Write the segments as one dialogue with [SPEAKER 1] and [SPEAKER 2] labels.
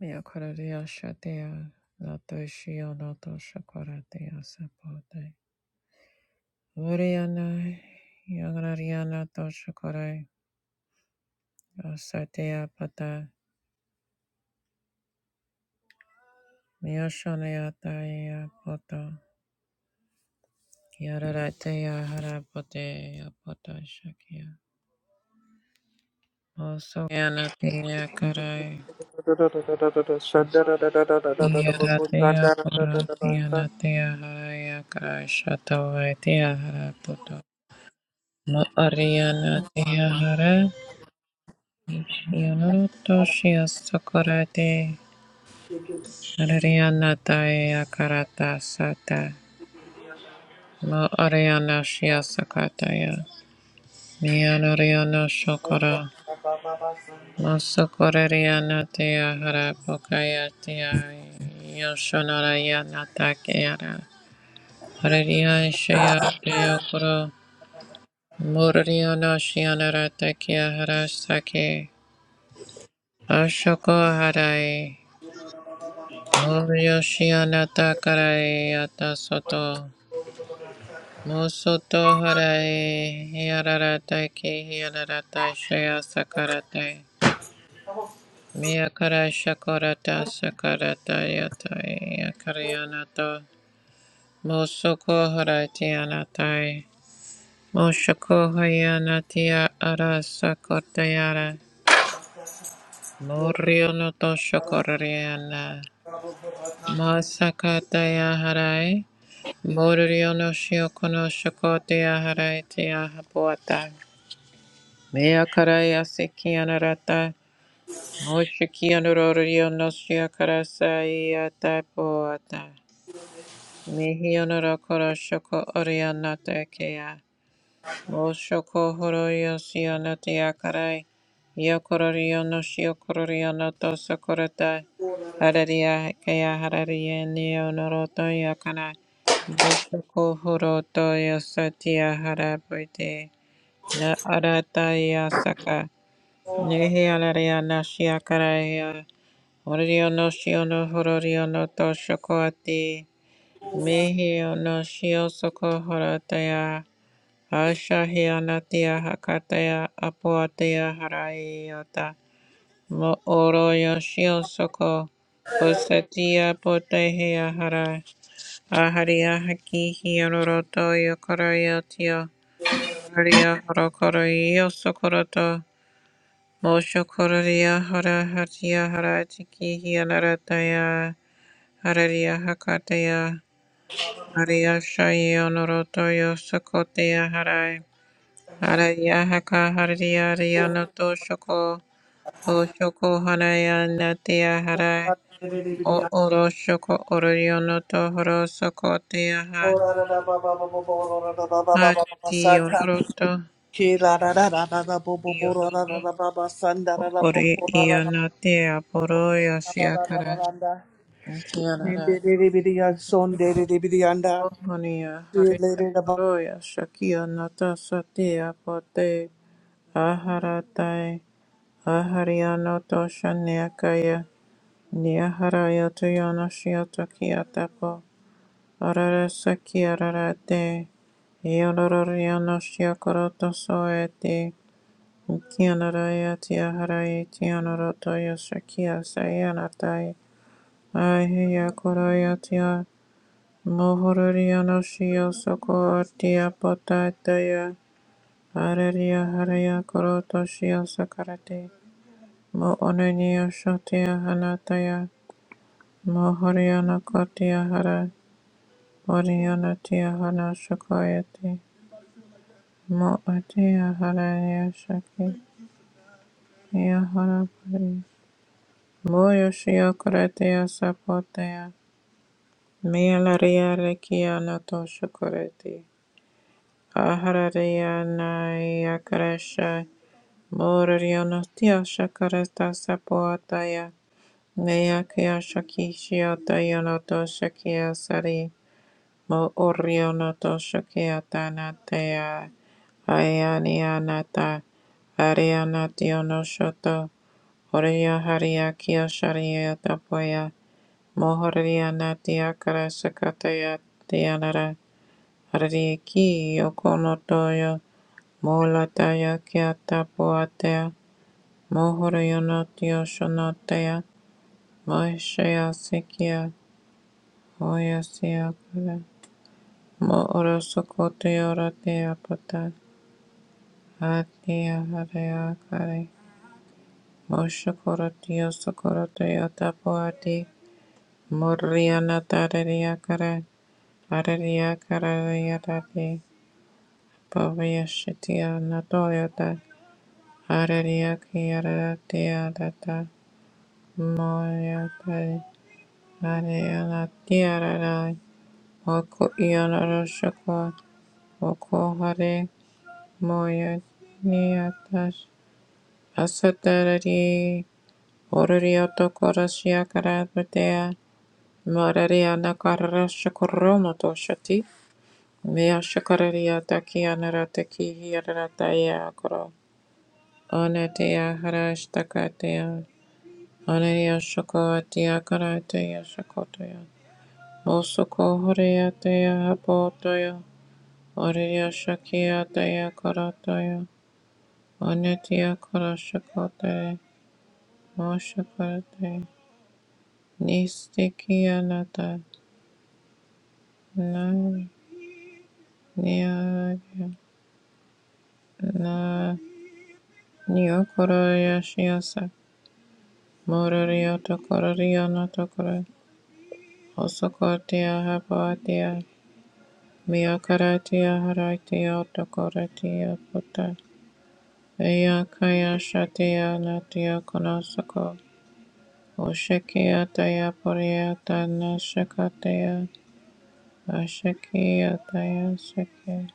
[SPEAKER 1] Mia coradia shatia, natoshio natosha coradia sapote. Uriana, yangrariana tosha corai, asatia pata, mioshaneataia pota, yararatea harapote, apota shakia. Also, yanatia corai,
[SPEAKER 2] Shandara
[SPEAKER 1] yaratea pora, yanatia haraya corai, shatavatia harapoto. Ma ariana tia hara. Yonorotoshios Sokorate Ariana Daya Karata Sata Mo Ariana Shia Sakataya Mianoriano Shokora Mo Sokorariana Tia Harapokaya Tia Yoshonarayana Takiara Harian Shia Teokoro Muriano Shianara Takia Harasake Ashoko Harai Moriyoshi anata karai ata soto. Musoto harai hiararata ki hiararata shaya sakarate. Miyakara shakorata sakarata yatai yakarianato. Musoko harati anatai. Mushoko hayanatia arasa kotayara. Moriyonoto shokorariana. Masakataya harai. Moriono shiokono shokote aharete ahapoata. Mea karaya sekianarata. Moshikianororiono shiokarasa iata poata. Mihionorokoro shoko orionata kea. Moshoko horoyo siyono te akarai. Yokororiyo no shiyokororiyo no tosokoratai. Hararia kaya hararia niyo noroto yakanai. Voshoko horoto yosatiya harapuite. Na arata yasaka. Nehi alaria na shiyakaraya. Hororio no shiyono hororio no tosokoati. Mehi no shiyosoko horotaya. Ashahianatia Hakataya Apuatia Haraiota Mo Oro Yoshio Soko Osatia Potehia Harai Aharia Haki Hianoroto Yokorayotio Haria Horokoroyo Sokoroto Mosho Kororia Hara Hatia Haratiki Hianarataya Hararia Hakataya Haria Shayonoroto Yosokotea Harai Haraya haka hariya riyana to shoko o shoko haraya natia hara o oro shoko oriono to horo soko tia ha hati ororoto ioroto o ori iana tia poro yashiakara tiarara o honia hariya horoya shakia nata satia pote aharatai ahariano to shaniakaya Nia haraya to yana shiata kiatapo. Arara saki ararate. Yoloror yana shiakoroto soete. Kianaraya tia haraya tianoroto yasakia sayanatai. Ahiya koraya tia. Mohorori yana shio soko artia potataya. Araria haraya koroto shio sakarate. Mo onenia shotia hanataya. Mohoriana kotia hara. Oriyanati ahara shakayati moati ahara yashaki yahara pari moyoshi akarati asapotaya miyalaria rekia nato shakarati ahararia na yakarasha morariyanati ashakarata sapoataya neyakia shakishi atayanato shakia sari Mo orionata shokeatanatea ayanianata arianationoshoto oria haria kiosariatapoia mohorianatia karasakatea tianara ariki yokonotoyo molataya kiatapoatea mohorionatiosonotea moesheasikia oiasiakara mo orosokoteorateapata Atia Harea Kare Moshokoratio Sokoratio Tapoati Moriana Tadaria Kare Araria Kararia Tati Pavia Shitia Natoyota Araria Kiaratia Data Moya Tari Ariana Tiarai Oko Iana Roshoko Oko Hare Moya Niatash Asatari Orarioto korasia karatea, marariana karasha koromoto shati, mea shakararia takia narataki hiarataya koro, onetea harashtakatea, oneria shakoatia karatea shakotoya, osoko horeatea hapotoya, oreria shakiatea karatoya, onetia karashakote, moshakaratea, nistikianata, na nia na nio kororia shiosa mororio to kororio no to koro osokotia hapatia mio haratia to koratia puta ea kaya shatia natia konosoko oshekia taya poria tana shakatia ashekia taya shake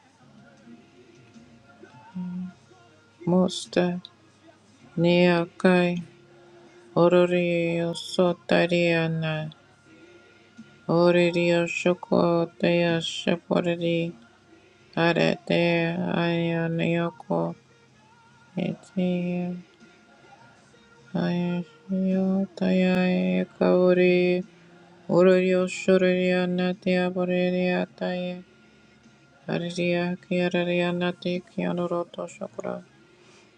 [SPEAKER 1] musta nia kai Ororio sotariana, Ororio shokotea shepherding, Arete ayanioko, Ete ayashiotea kauri, Ororio shuriana tiaboreria tae, Ariria kiarariana tikianoroto shokra.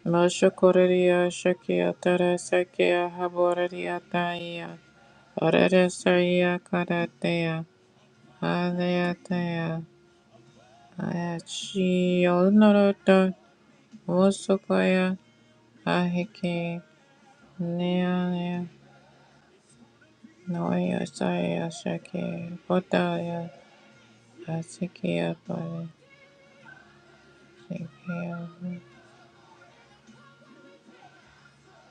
[SPEAKER 1] Mashokoreria shakia tarasekia haboreria taia, Arere saia karatea. Aletheia, Ayachioloroto, Wosokoya, Ahiki, Neonia, noya Saya, Shaki, Botaya, Asikia, Bari, Sikia,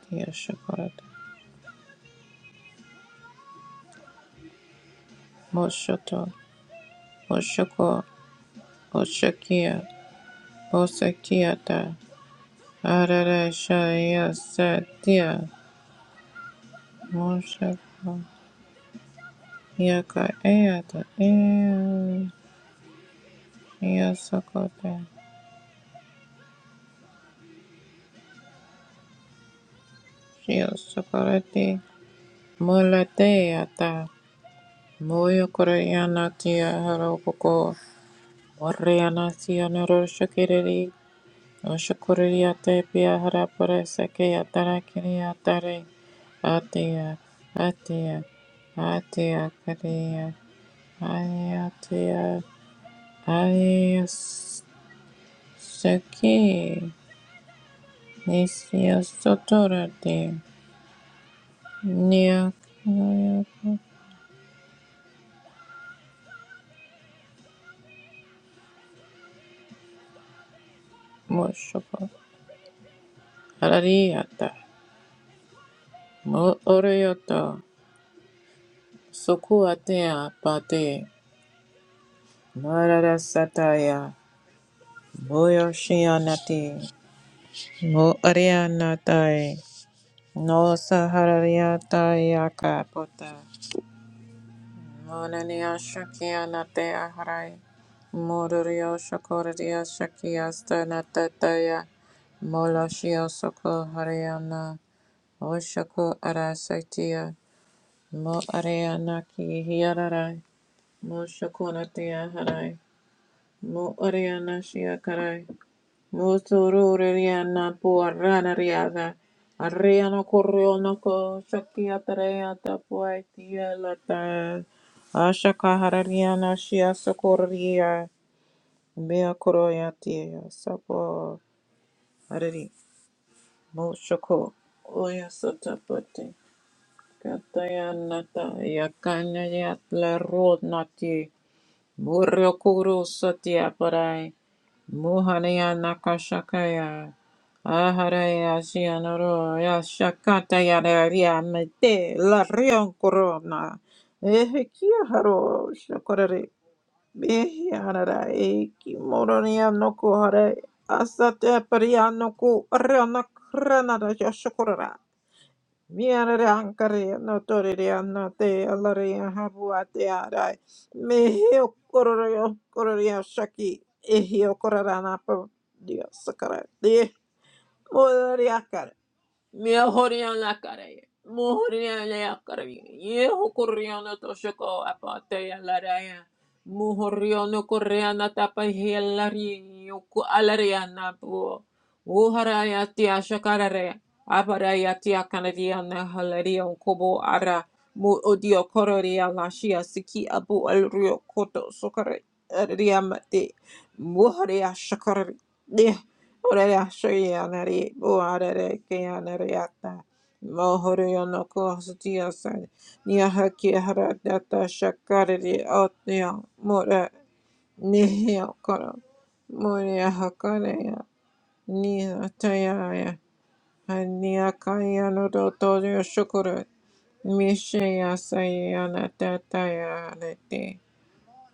[SPEAKER 1] Tia, Shokorata, Moshoto, Oshoko, Oshakia, Osakiata, Arara, Shaya, Satia, Moshako, Yaka, Eata, Ea, Yasakota, Shio Sakurati Mulateata Moyo Koreana Tia Harokoko Warriana Tia Noro Shakiri Oshakuriate Pia Harapare Seke Atarakiri Atare Atia Atia Atia Karia Ayatia Ayas Seki Nisio Sotorati Nia Moshoko Arariata, mo orioto, sukuatea pate, mararasataya, moyoshianati, mo arianatai, no saharariataya kapota, monania shakianate aharai, modorio shakoradia shakiasta natataya, moloshio soko hariana, oshako arasatia, mo ariana ki hiararai, Moshokoratia harai. Mo ariana shia karai. Mosororiana puarana riada. Ariana korionoko shakia tareata puaitia lata. Ashaka harariana shia sokoria. Mea koroyatia sapo. Arari. Moshoko. Oya sotapote. Kataya nata. Yakanya yatla rodnati. Murokuru Satyaparai muhaniya Nakashakaya Aharaya Sianoro Yashakata Yararia Mete La Rion Corona Ehekia Haro Shakorare Behianara Eki Moronia Noko Hare Asatyaparia Noko Ariana Kranada Yashakorara Miarare ankare no torere anna te alare habua te arai. Mehio kororio kororio shaki ehio korarana pa dia sakara te. Morari akare. Mejorian la calle, mejorian la calle, y ocurrió no toshoko apate a la raya, mejorió no tapa y a la alariana po, uharaya tia shakarare, aparaya tia canadiana halarion kobo ara, mu odio cororia la siki abu el rio koto sokare, ariamate, muharia shakarare. Orere ashaya nari buarere ke nari ata. Mohoro yono kohostia san. Nia haki hara data shakariri otnea mura nihia koro. Muria hakare ya. Nia taya ya. Hania kaya no doto yo shukuru. Mishe ya sayi anata taya alete.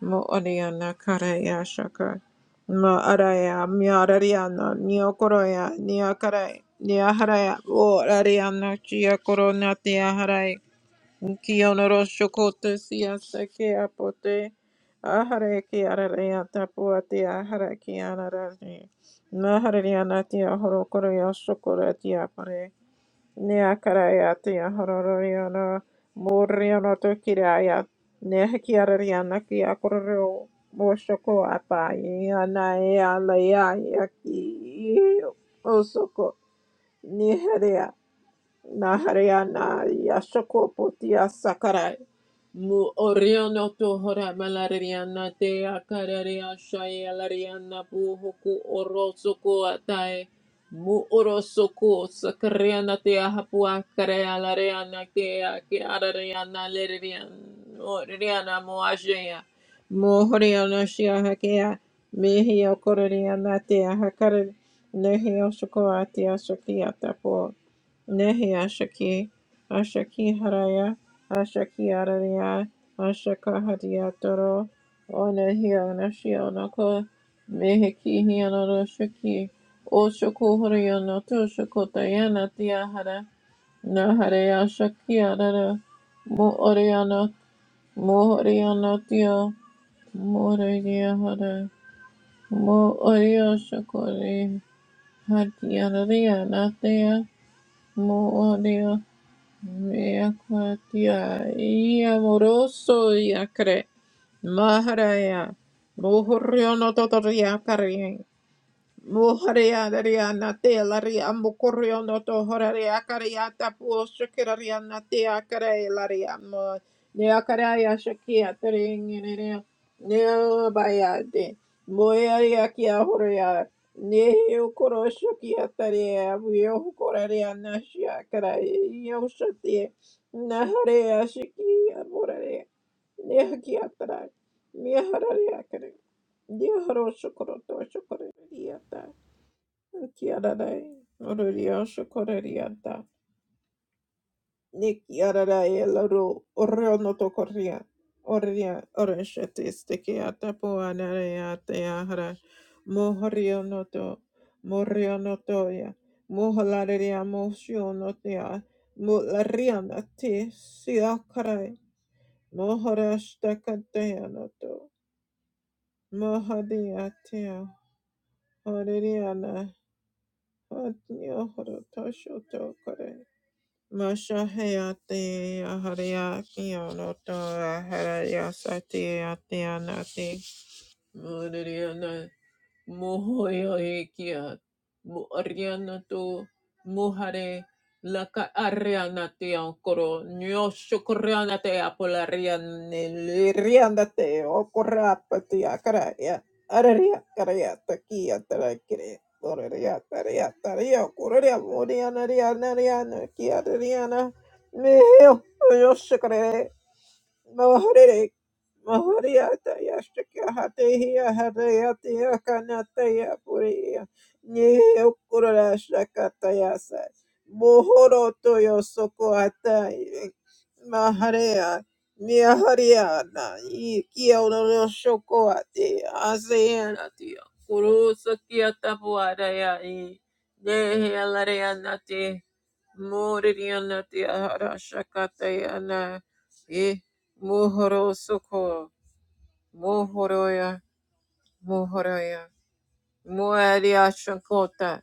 [SPEAKER 1] Mo Oriana Karaya Shaka. Mo Araya Miarariana Nia Koroya Nia Karai Nia Haraya O Ariana Chia Corona Tia Harai Kionoro Shokote Sia Seke Apote Ahare Kiaraya Tapua Tia Harakiana Rani Nahariana Tia Horokoroya Shokora Tia Pare Neakarayatiya Hororiana Muriano Tokiraya Nehakiarariana Kiakoro Moshoko Apai Anaya Layaki Osoko Niheria Nahariana yashoko Potia Sakarai Mu Oriono Tohora Malariana Te Akararia Shaya Lariana Buhoku Orosoko Atae Mu Orosoko Sakariana Te Ahapua Karea Lariana Kea Kiarariana Lerian Oriana Moajea Mu Horiana Shia Hakea Mihio koriana Te Hakare Nehio Shoko Atia Shokia Tapo Nehi Ashaki, Ashaki Haraya, Ashaki Araya, Ashaka Hadiatoro, O Nehi Anashi Onako, Mehiki Hianoro Shaki, O Shoko Horiano to Shokotayana Tiahara, Naharaya Shaki Arara, Mo Oriana, Mo Oriana Tio, Mo Hara, Mo Oria Shokori, Hadianaria Natia, Mo Orio. Vea Cuatia y amoroso y acre. Maharaya. Bujurrio no totoria Moharia Daria Natea Laria Mocorio Noto Horaria Cariata Pushakiraria Natea Care Laria Mo Neacaraya Shakia Tering Neo Bayade Moyaria Kia Horia Neo Koroshakia Tarea Vio Coraria Nashia Carai Yoshati Naharea Shikia Morare Neakia Tara Mihararia Care Neo Shokoro Shokoro Kiararai, Ororia, Shokorariata, Nikiararai, Laro, Oriono Tokoria, Oria, Oreshatis, Tekiata, Puanarea, Teahara, Mohorionoto, Morionotoya, Mohalaria, Moshionotea, Mulariana, Ti, Siakarai, Mohorashtakateanoto, Mohadiatia, Hoririana, Hotniohoro, Toshoto, Mashahayate Ahariya Kiyonoto Aharaya Sati Ate Anati Moriana Mohoyoikia Ariana to Muhare Laka Ariana te Ancoro Nyo Shukuriana te Apolarian Liriana te Ocorapati Acaraya Araria Caraya Takia Tarakire Oraria Taria Taria Coria Moriana Riana Riana Kia Riana Meo Yoshukare Mahore Mahoriataya Shakahateya Harayatia Kanataya Puria Nyokura Shakataya Sai Mohoro Toyo Sokoata Maharea Mihariana Ikiono Shokoate Aseana Tia Kurusa Kiata Puaraya Nehelariana Te Moririana Tia Harashakatayana Eh Muhoro Soko, Muhoroya, Muhoroya, Muaria Shankota,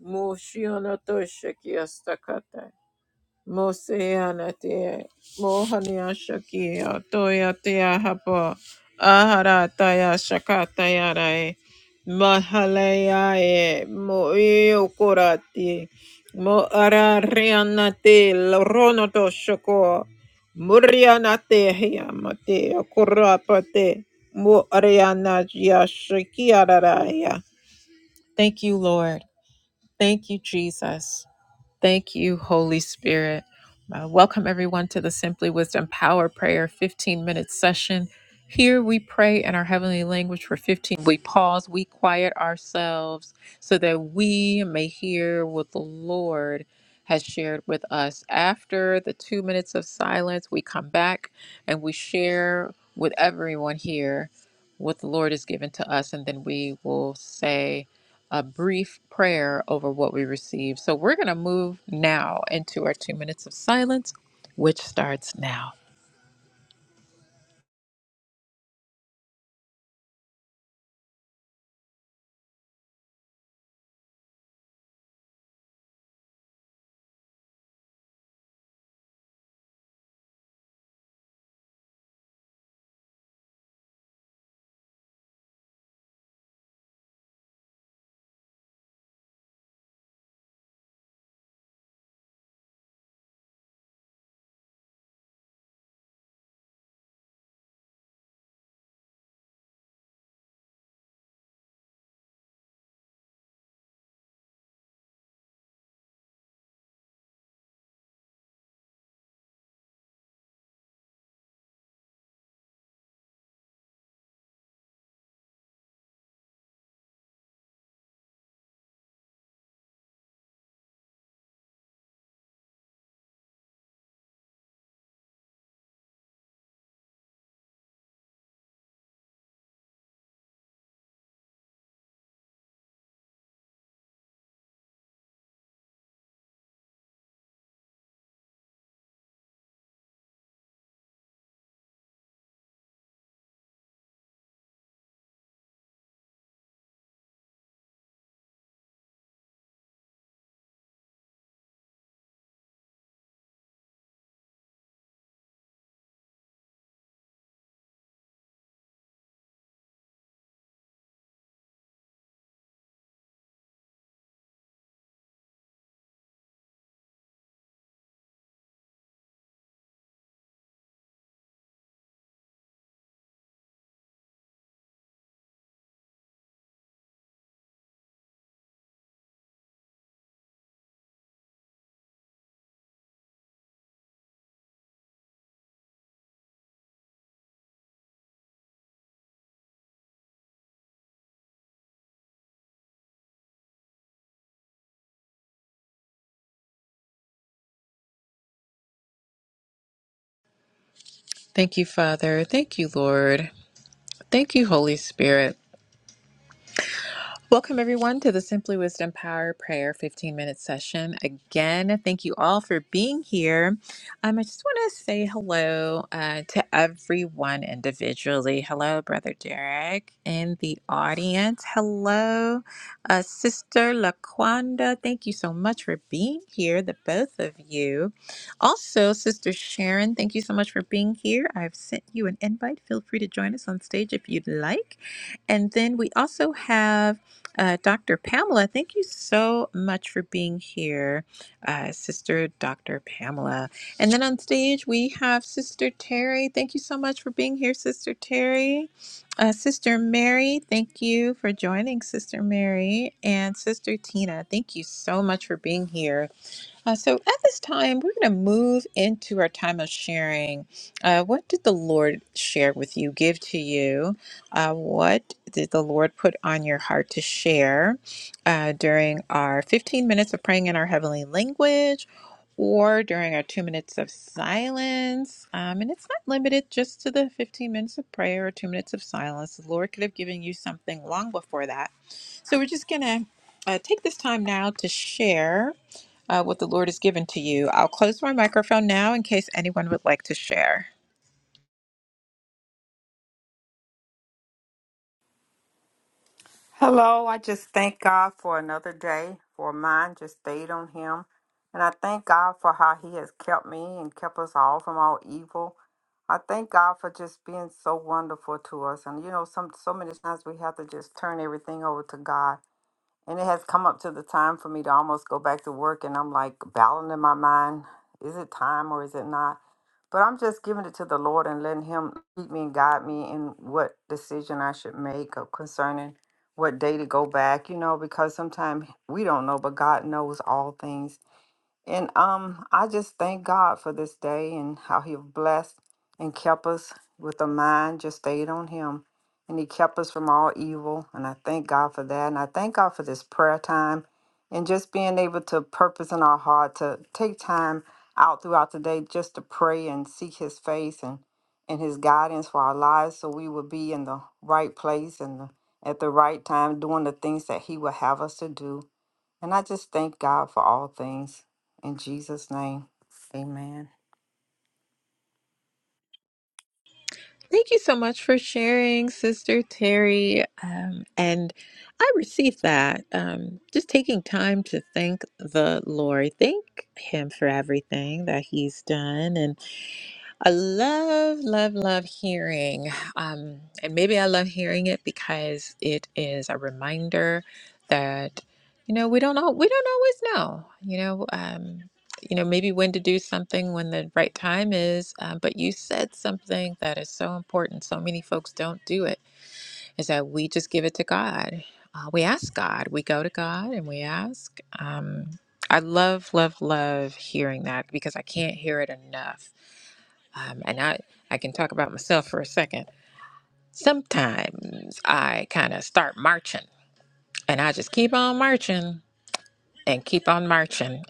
[SPEAKER 1] Mushionoto Shakiastakata. Moseanate, Mohania Shakia, Toyatea Hapo, Aharataya Shakataya Rae, Moiokorati, Moararianate, Loronoto Shako, Murianate, Hiamate, Kurapate, Moariana Shakia Thank you, Lord. Thank you, Jesus. Thank you, Holy Spirit. Uh, welcome everyone to the Simply Wisdom Power Prayer 15 minute session. Here we pray in our heavenly language for 15. We pause, we quiet ourselves so that we may hear what the Lord has shared with us. After the two minutes of silence, we come back and we share with everyone here what the Lord has given to us, and then we will say, a brief prayer over what we receive. So we're going to move now into our two minutes of silence, which starts now. Thank you, Father. Thank you, Lord. Thank you, Holy Spirit. Welcome, everyone, to the Simply Wisdom Power Prayer 15 minute session. Again, thank you all for being here. Um, I just want to say hello uh, to everyone individually. Hello, Brother Derek in the audience. Hello, uh, Sister Laquanda. Thank you so much for being here, the both of you. Also, Sister Sharon, thank you so much for being here. I've sent you an invite. Feel free to join us on stage if you'd like. And then we also have uh, Dr. Pamela, thank you so much for being here, uh, Sister Dr. Pamela. And then on stage, we have Sister Terry. Thank you so much for being here, Sister Terry. Uh, Sister Mary, thank you for joining, Sister Mary. And Sister Tina, thank you so much for being here. Uh, so at this time, we're going to move into our time of sharing. Uh, what did the Lord share with you, give to you? Uh, what did the Lord put on your heart to share uh, during our 15 minutes of praying in our heavenly language? Or during our two minutes of silence. Um, and it's not limited just to the 15 minutes of prayer or two minutes of silence. The Lord could have given you something long before that. So we're just going to uh, take this time now to share uh, what the Lord has given to you. I'll close my microphone now in case anyone would like to share.
[SPEAKER 3] Hello, I just thank God for another day, for mine just stayed on Him. And I thank God for how He has kept me and kept us all from all evil. I thank God for just being so wonderful to us. And you know, some so many times we have to just turn everything over to God. And it has come up to the time for me to almost go back to work. And I'm like battling in my mind is it time or is it not? But I'm just giving it to the Lord and letting Him lead me and guide me in what decision I should make or concerning what day to go back, you know, because sometimes we don't know, but God knows all things. And um, I just thank God for this day and how He blessed and kept us with a mind just stayed on Him. And He kept us from all evil. And I thank God for that. And I thank God for this prayer time and just being able to purpose in our heart to take time out throughout the day just to pray and seek His face and, and His guidance for our lives so we will be in the right place and the, at the right time doing the things that He will have us to do. And I just thank God for all things. In Jesus' name. Amen.
[SPEAKER 1] Thank you so much for sharing, Sister Terry. Um, and I received that. Um, just taking time to thank the Lord, thank Him for everything that He's done, and. I love, love, love hearing. Um, and maybe I love hearing it because it is a reminder that, you know, we don't all, we don't always know, you know, um, you know, maybe when to do something when the right time is. Um, but you said something that is so important. So many folks don't do it is that we just give it to God. Uh, we ask God, we go to God and we ask. Um, I love, love, love hearing that because I can't hear it enough um, and I, I can talk about myself for a second. Sometimes I kind of start marching and I just keep on marching and keep on marching.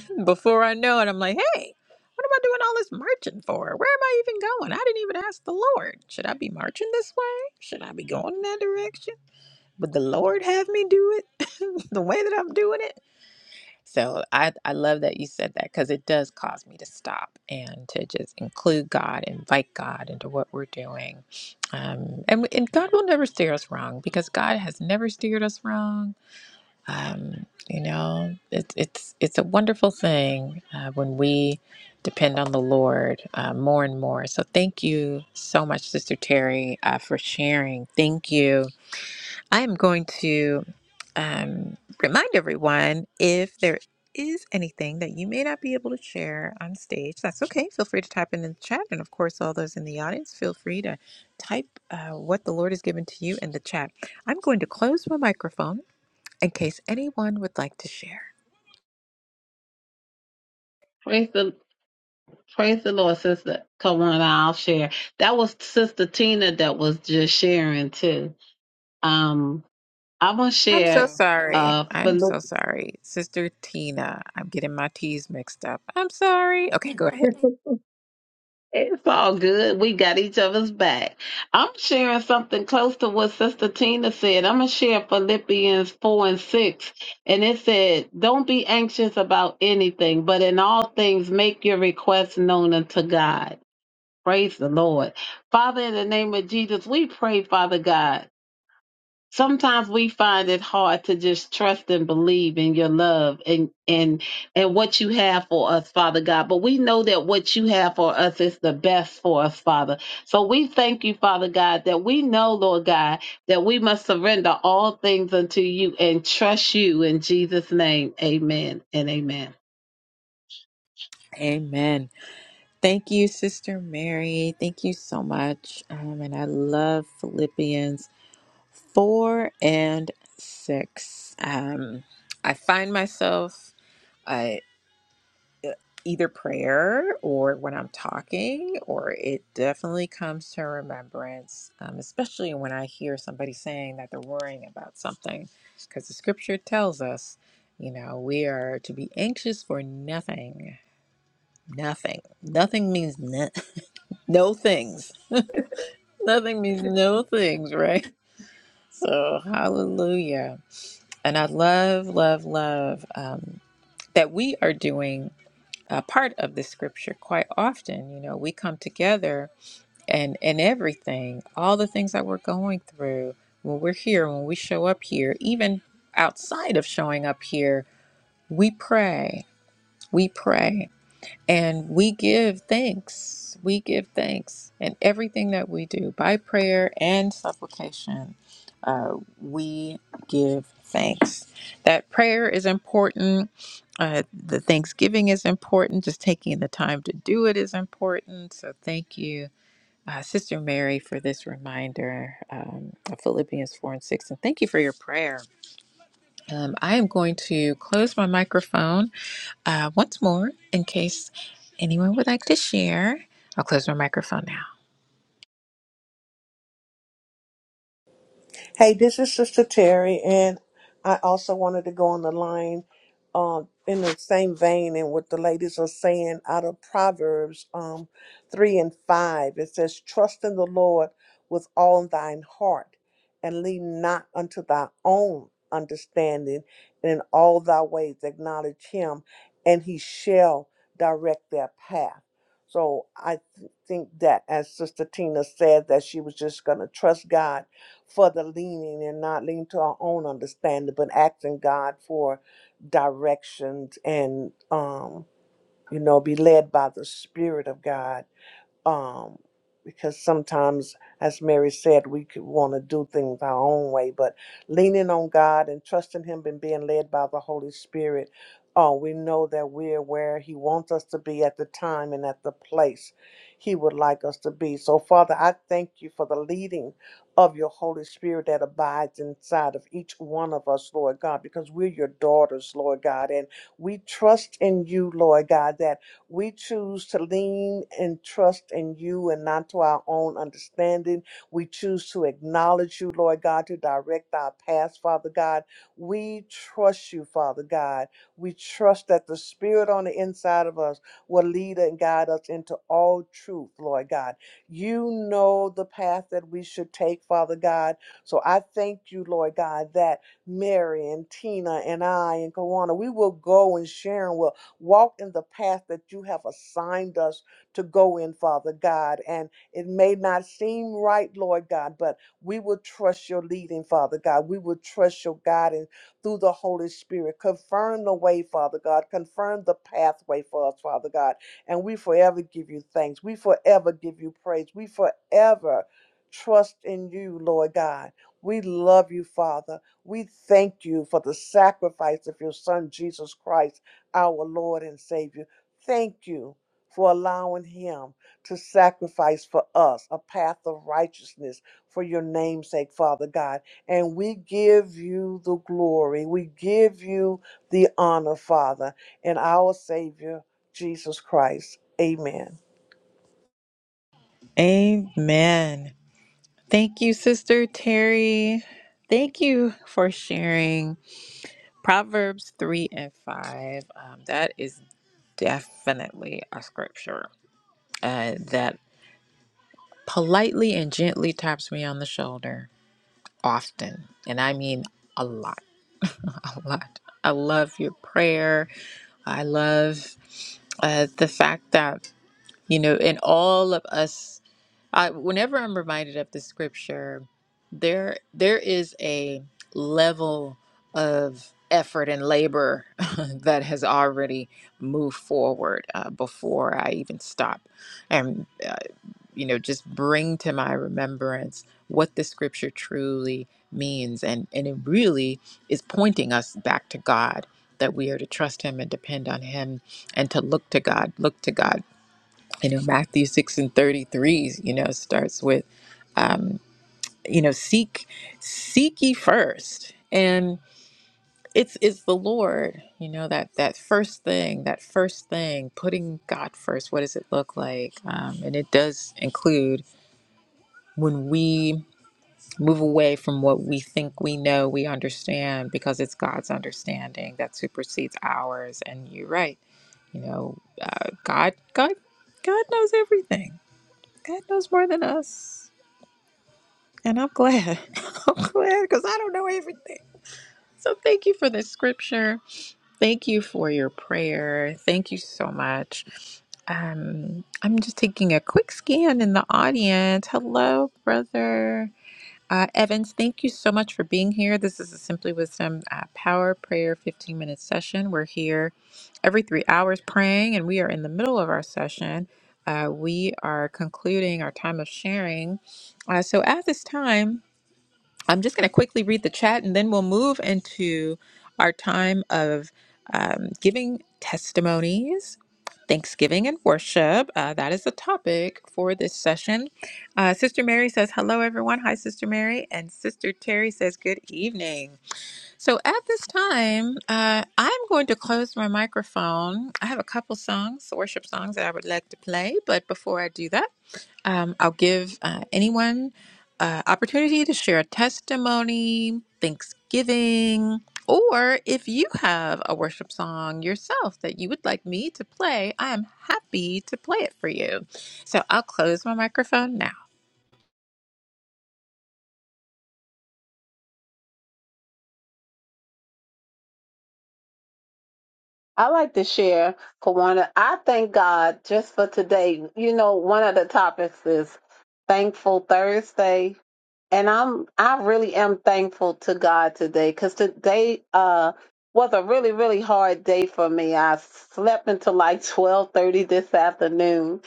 [SPEAKER 1] Before I know it, I'm like, hey, what am I doing all this marching for? Where am I even going? I didn't even ask the Lord. Should I be marching this way? Should I be going in that direction? Would the Lord have me do it the way that I'm doing it? So I, I love that you said that because it does cause me to stop and to just include God, invite God into what we're doing. Um, and, and God will never steer us wrong because God has never steered us wrong. Um, you know, it's it's it's a wonderful thing uh, when we depend on the Lord uh, more and more. So thank you so much, Sister Terry, uh, for sharing. Thank you I am going to um, remind everyone if there is anything that you may not be able to share on stage, that's okay. Feel free to type in the chat. And of course, all those in the audience, feel free to type uh, what the Lord has given to you in the chat. I'm going to close my microphone in case anyone would like to share.
[SPEAKER 4] Praise the praise the Lord, Sister Kawana. I'll share. That was Sister Tina that was just sharing too. Um, I'm gonna
[SPEAKER 1] I'm so
[SPEAKER 4] share
[SPEAKER 1] sorry.
[SPEAKER 4] uh
[SPEAKER 1] I am
[SPEAKER 4] Philippians.
[SPEAKER 1] so sorry. Sister Tina, I'm getting my T's mixed up. I'm sorry. Okay, go ahead.
[SPEAKER 4] It's all good. We got each other's back. I'm sharing something close to what Sister Tina said. I'm gonna share Philippians four and six, and it said, "Don't be anxious about anything, but in all things make your requests known unto God." Praise the Lord, Father. In the name of Jesus, we pray, Father God. sometimes we find it hard to just trust and believe in your love and and and what you have for us father god but we know that what you have for us is the best for us father so we thank you father god that we know lord god that we must surrender all things unto you and trust you in jesus name amen and amen
[SPEAKER 1] Amen. Thank you, Sister Mary. Thank you so much. Um, and I love Philippians 4 and 6. Um, I find myself uh, either prayer or when I'm talking, or it definitely comes to remembrance, um, especially when I hear somebody saying that they're worrying about something. Because the scripture tells us, you know, we are to be anxious for nothing. Nothing. Nothing means no, no things Nothing means no things, right? So, hallelujah. And I love, love, love um, that we are doing a part of the scripture quite often. You know, we come together and, and everything, all the things that we're going through when we're here, when we show up here, even outside of showing up here, we pray. We pray And we give thanks. We give thanks in everything that we do by prayer and supplication. Uh, we give thanks. That prayer is important. Uh, the Thanksgiving is important. Just taking the time to do it is important. So thank you, uh, Sister Mary, for this reminder um, of Philippians 4 and 6. And thank you for your prayer. Um, I am going to close my microphone uh, once more in case anyone would like to share. I'll close my microphone now.
[SPEAKER 2] Hey, this is Sister Terry, and I also wanted to go on the line um, in the same vein and what the ladies are saying out of Proverbs um, 3 and 5. It says, Trust in the Lord with all thine heart, and lean not unto thy own understanding, and in all thy ways acknowledge him, and he shall direct their path. So I th- think that, as Sister Tina said, that she was just going to trust God for the leaning and not leaning to our own understanding, but asking God for directions and um, you know, be led by the Spirit of God um, because sometimes, as Mary said, we could want to do things our own way. But leaning on God and trusting Him and being led by the Holy Spirit, uh, we know that we're where He wants us to be at the time and at the place He would like us to be. So, Father, I thank you for the leading of your Holy Spirit that abides inside of each one of us, Lord God, because we're your daughters, Lord God, and we trust in you, Lord God, that. We choose to lean and trust in you and not to our own understanding. We choose to acknowledge you, Lord God, to direct our paths, Father God. We trust you, Father God. We trust that the Spirit on the inside of us will lead and guide us into all truth, Lord God. You know the path that we should take, Father God. So I thank you, Lord God, that Mary and Tina and I and Kawana, we will go and Sharon will Walk in the path that you have assigned us to go in, Father God. And it may not seem right, Lord God, but we will trust your leading, Father God. We will trust your guidance through the Holy Spirit. Confirm the way, Father God. Confirm the pathway for us, Father God. And we forever give you thanks. We forever give you praise. We forever trust in you, Lord God. We love you, Father. We thank you for the sacrifice of your Son, Jesus Christ our Lord and Savior. Thank you for allowing him to sacrifice for us a path of righteousness for your namesake, Father God. And we give you the glory. We give you the honor, Father, and our Savior, Jesus Christ. Amen.
[SPEAKER 1] Amen. Thank you, Sister Terry. Thank you for sharing Proverbs 3 and 5. Um, that is definitely a scripture uh, that politely and gently taps me on the shoulder often. And I mean a lot, a lot. I love your prayer. I love uh, the fact that You know, and all of us, I, whenever I'm reminded of the scripture, there there is a level of effort and labor that has already moved forward uh, before I even stop and uh, you know just bring to my remembrance what the scripture truly means and and it really is pointing us back to God that we are to trust him and depend on him and to look to God look to God you know matthew 6 and 33 you know starts with um you know seek seek ye first and it's it's the lord you know that that first thing that first thing putting god first what does it look like um and it does include when we move away from what we think we know we understand because it's god's understanding that supersedes ours and you're right you know uh, god god god knows everything God knows more than us. And I'm glad. I'm glad because I don't know everything. So thank you for the scripture. Thank you for your prayer. Thank you so much. Um, I'm just taking a quick scan in the audience. Hello, brother. Uh, Evans, thank you so much for being here. This is a Simply Wisdom uh, Power Prayer 15 minute session. We're here every three hours praying, and we are in the middle of our session. Uh, we are concluding our time of sharing. Uh, so at this time, I'm just going to quickly read the chat and then we'll move into our time of um, giving testimonies, Thanksgiving, and worship. Uh, that is the topic for this session. Uh, Sister Mary says, Hello, everyone. Hi, Sister Mary. And Sister Terry says, Good evening. So at this time, uh, I'm going to close my microphone. I have a couple songs, worship songs that I would like to play, but before I do that, um, I'll give uh, anyone uh, opportunity to share a testimony, Thanksgiving, or if you have a worship song yourself that you would like me to play, I am happy to play it for you. So I'll close my microphone now.
[SPEAKER 4] I like to share, Kawana. I thank God just for today. You know, one of the topics is Thankful Thursday, and I'm I really am thankful to God today because today uh was a really really hard day for me. I slept until like twelve thirty this afternoon,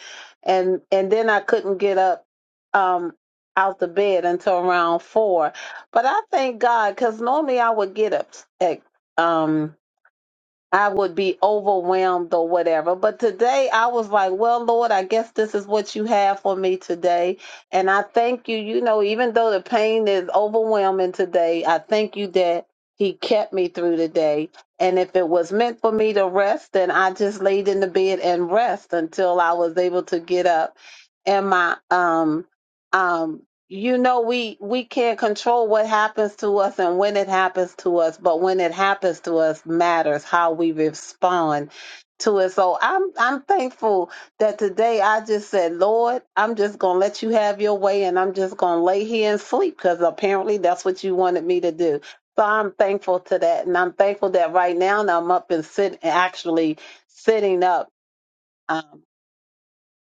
[SPEAKER 4] and and then I couldn't get up um out the bed until around four. But I thank God because normally I would get up at um I would be overwhelmed or whatever. But today I was like, well, Lord, I guess this is what you have for me today. And I thank you, you know, even though the pain is overwhelming today, I thank you that He kept me through the day. And if it was meant for me to rest, then I just laid in the bed and rest until I was able to get up. And my um um you know we we can't control what happens to us and when it happens to us but when it happens to us matters how we respond to it so i'm i'm thankful that today i just said lord i'm just gonna let you have your way and i'm just gonna lay here and sleep because apparently that's what you wanted me to do so i'm thankful to that and i'm thankful that right now i'm up and sitting actually sitting up Um,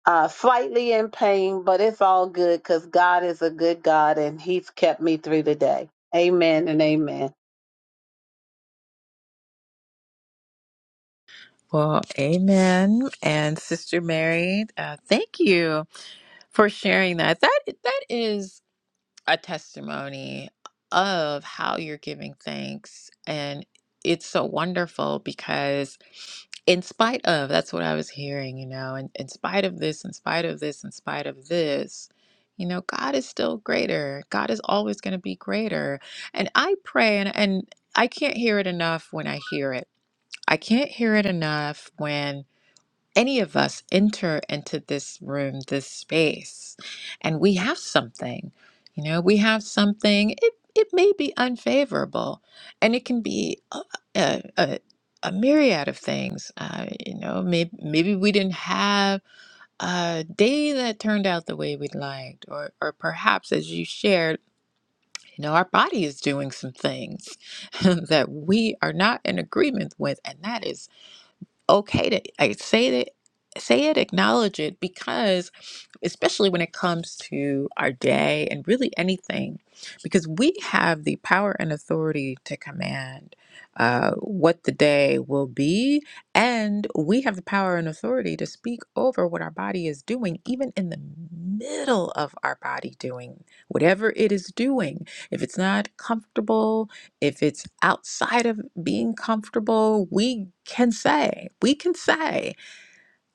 [SPEAKER 4] uh, slightly in pain, but it's all good because God is a good God and He's kept me through the day. Amen and amen.
[SPEAKER 1] Well, amen. And Sister Mary, uh, thank you. for sharing that. That that is a testimony of how you're giving thanks and it's so wonderful because in spite of that's what I was hearing, you know, and in spite of this, in spite of this, in spite of this, you know, God is still greater. God is always going to be greater. And I pray and and I can't hear it enough when I hear it. I can't hear it enough any of us enter into this room, this space, and we have something, you know, we have something, it, it may be unfavorable and it can be a, a, a, a myriad of things. Uh, you know, maybe, maybe we didn't have a day that turned out the way we liked, or, or perhaps as you shared, you know, our body is doing some things that we are not in agreement with, and that is okay to I say it, say it, acknowledge it, because especially when it comes to our day and really anything, because we have the power and authority to command uh, what the day will be, and we have the power and authority to speak over what our body is doing, even in the middle of our body doing whatever it is doing. If it's not comfortable, if it's outside of being comfortable, we can say, we can say,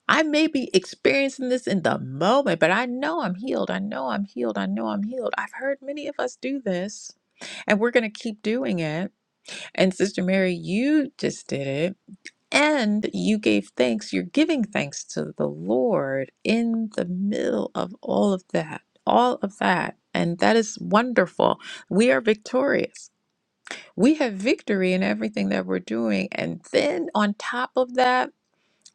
[SPEAKER 1] I may be experiencing this in the moment, but I know I'm healed. I know I'm healed. I know I'm healed. I've heard many of us do this, and we're going to keep doing it. And Sister Mary, you just did it. And you gave thanks, you're giving thanks to the Lord in the middle of all of that, all of that. And that is wonderful. We are victorious we have victory in everything that we're doing. And then on top of that,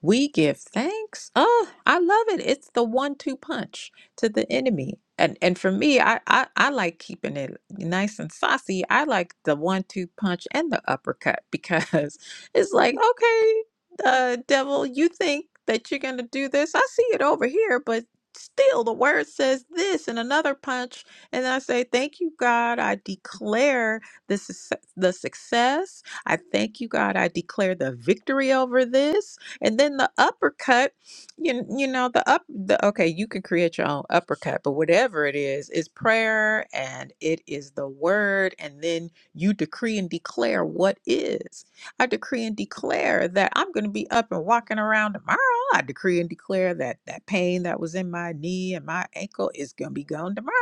[SPEAKER 1] we give thanks. Oh, I love it. It's the one-two punch to the enemy. And and for me, I, I I like keeping it nice and saucy. I like the one-two punch and the uppercut because it's like, okay, uh, devil, you think that you're gonna do this? I see it over here, but still the word says this and another punch. And then I say, Thank you, God. I declare this is the success. I thank you, God. I declare the victory over this. And then the uppercut, you you know the up the okay, you can create your own uppercut, but whatever it is, is prayer and it is the word, and then you decree and declare what is. I decree and declare that I'm going to be up and walking around tomorrow. I decree and declare that that pain that was in my knee and my ankle is going to be gone tomorrow.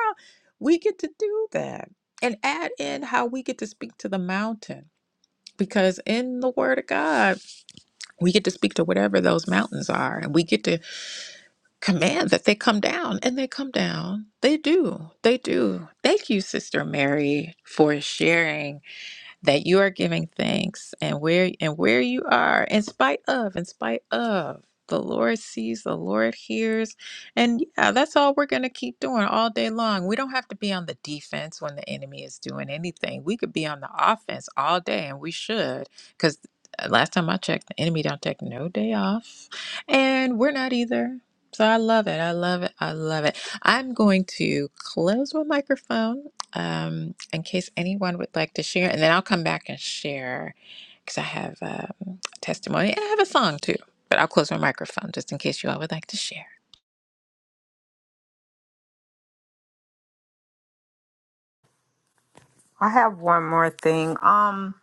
[SPEAKER 1] We get to do that and add in how we get to speak to the mountain because in the word of God. We get to speak to whatever those mountains are, and we get to command that they come down, and they come down. They do. They do. Thank you, Sister Mary, for sharing that you are giving thanks and where and where you are in spite of in spite of the lord sees the lord hears and yeah that's all we're going to keep doing all day long we don't have to be on the defense when the enemy is doing anything we could be on the offense all day and we should because last time i checked the enemy don't take no day off and we're not either so i love it i love it i love it i'm going to close my microphone um, in case anyone would like to share, and then I'll come back and share because I have um, testimony and I have a song too. But I'll close my microphone just in case you all would like to share.
[SPEAKER 3] I have one more thing. Um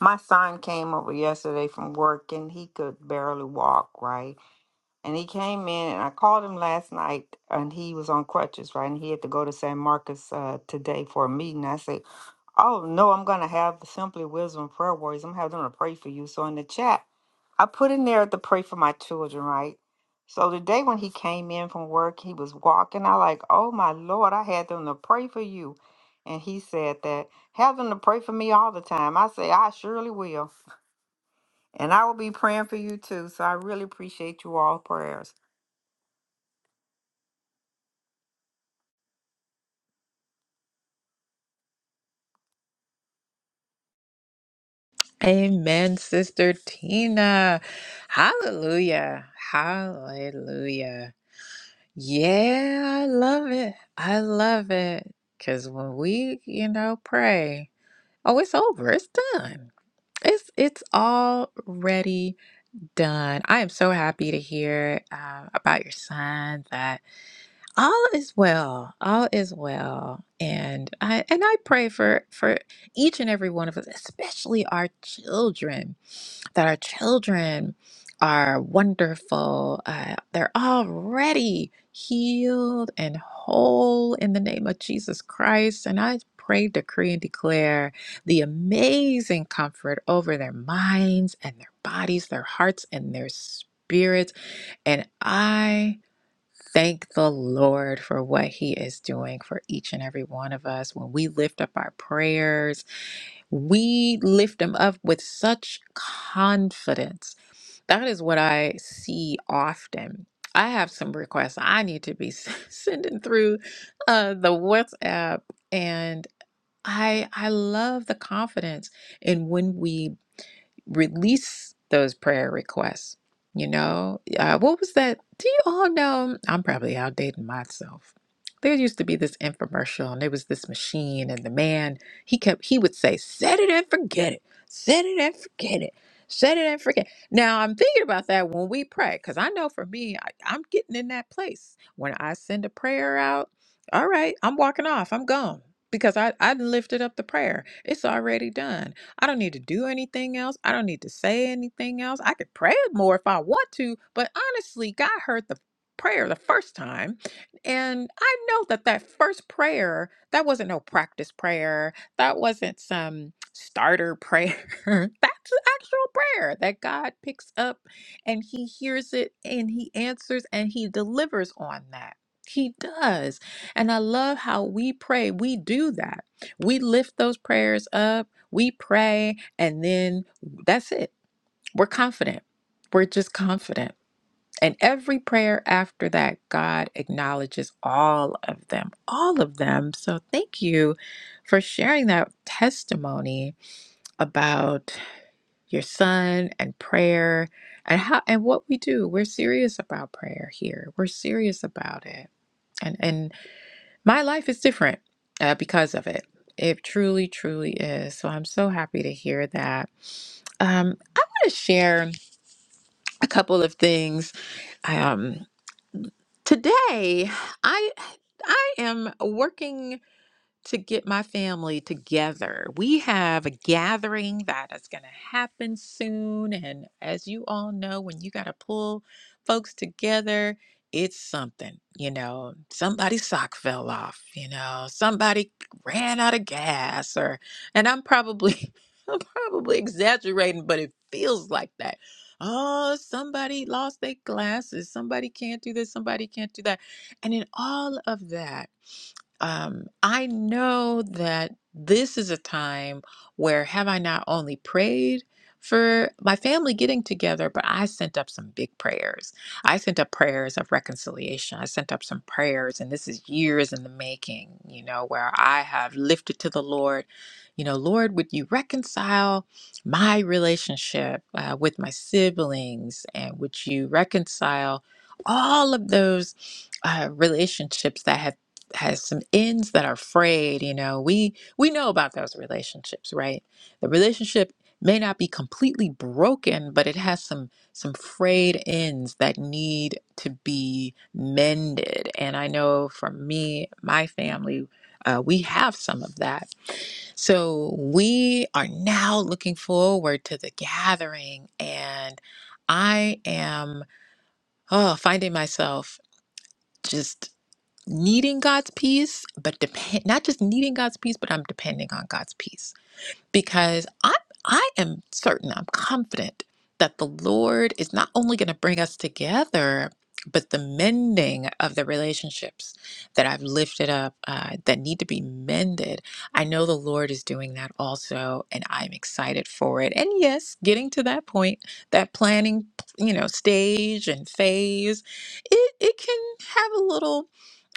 [SPEAKER 3] my son came over yesterday from work and he could barely walk, right? And he came in and I called him last night and he was on crutches, right? And he had to go to San Marcos uh, today for a meeting. I said, Oh no, I'm gonna have the Simply Wisdom prayer warriors. I'm having them to pray for you. So in the chat I put in there to pray for my children, right? So the day when he came in from work, he was walking. I like, oh my Lord, I had them to pray for you. And he said that, have them to pray for me all the time. I say, I surely will. And I will be praying for you too. So I really appreciate you all prayers.
[SPEAKER 1] Amen, Sister Tina. Hallelujah. Hallelujah. Yeah, I love it. I love it. Because when we, you know, pray, oh, it's over. It's done. It's it's already done. I am so happy to hear uh, about your son. That all is well. All is well, and I and I pray for for each and every one of us, especially our children that our children are wonderful. Uh, they're already healed and whole in the name of Jesus Christ. And I pray, decree, and declare the amazing comfort over their minds and their bodies, their hearts, and their spirits. And I thank the Lord for what He is doing for each and every one of us when we lift up our prayers we lift them up with such confidence. That is what I see often. I have some requests I need to be sending through uh, the WhatsApp, and I I love the confidence in when we release those prayer requests. You know, uh, what was that? Do you all know? I'm probably outdating myself. There used to be this infomercial, and there was this machine, and the man he kept he would say, "Set it and forget it, set it and forget it, set it and forget." Now I'm thinking about that when we pray, because I know for me, I, I'm getting in that place when I send a prayer out. All right, I'm walking off. I'm gone because I I lifted up the prayer. It's already done. I don't need to do anything else. I don't need to say anything else. I could pray more if I want to, but honestly, God heard the prayer the first time and i know that that first prayer that wasn't no practice prayer that wasn't some starter prayer that's an actual prayer that god picks up and he hears it and he answers and he delivers on that he does and i love how we pray we do that we lift those prayers up we pray and then that's it. We're confident. We're just confident. And every prayer after that, God acknowledges all of them, all of them. So thank you for sharing that testimony about your son and prayer and how and what we do. We're serious about prayer here. We're serious about it. And and my life is different uh, because of it. It truly, truly is. So I'm so happy to hear that. Um, I want to share a couple of things. Um, today, I I am working to get my family together. We have a gathering that is going to happen soon. And as you all know, when you got to pull folks together, it's something, you know, somebody's sock fell off, you know, somebody ran out of gas or, and I'm probably, I'm probably exaggerating, but it feels like that. Oh, somebody lost their glasses. Somebody can't do this. Somebody can't do that. And in all of that, um, I know that this is a time where have I not only prayed for my family getting together, but I sent up some big prayers. I sent up prayers of reconciliation. I sent up some prayers, and this is years in the making, you know, where I have lifted to the Lord, you know, Lord, would you reconcile my relationship uh, with my siblings? And would you reconcile all of those uh, relationships that have has some ends that are frayed you know we we know about those relationships right the relationship may not be completely broken but it has some some frayed ends that need to be mended and i know for me my family uh, we have some of that so we are now looking forward to the gathering and i am oh finding myself just needing God's peace, but depend not just needing God's peace, but I'm depending on God's peace because I I am certain, I'm confident that the Lord is not only going to bring us together, but the mending of the relationships that I've lifted up uh, that need to be mended. I know the Lord is doing that also, and I'm excited for it. And yes, getting to that point, that planning, you know, stage and phase, it it can have a little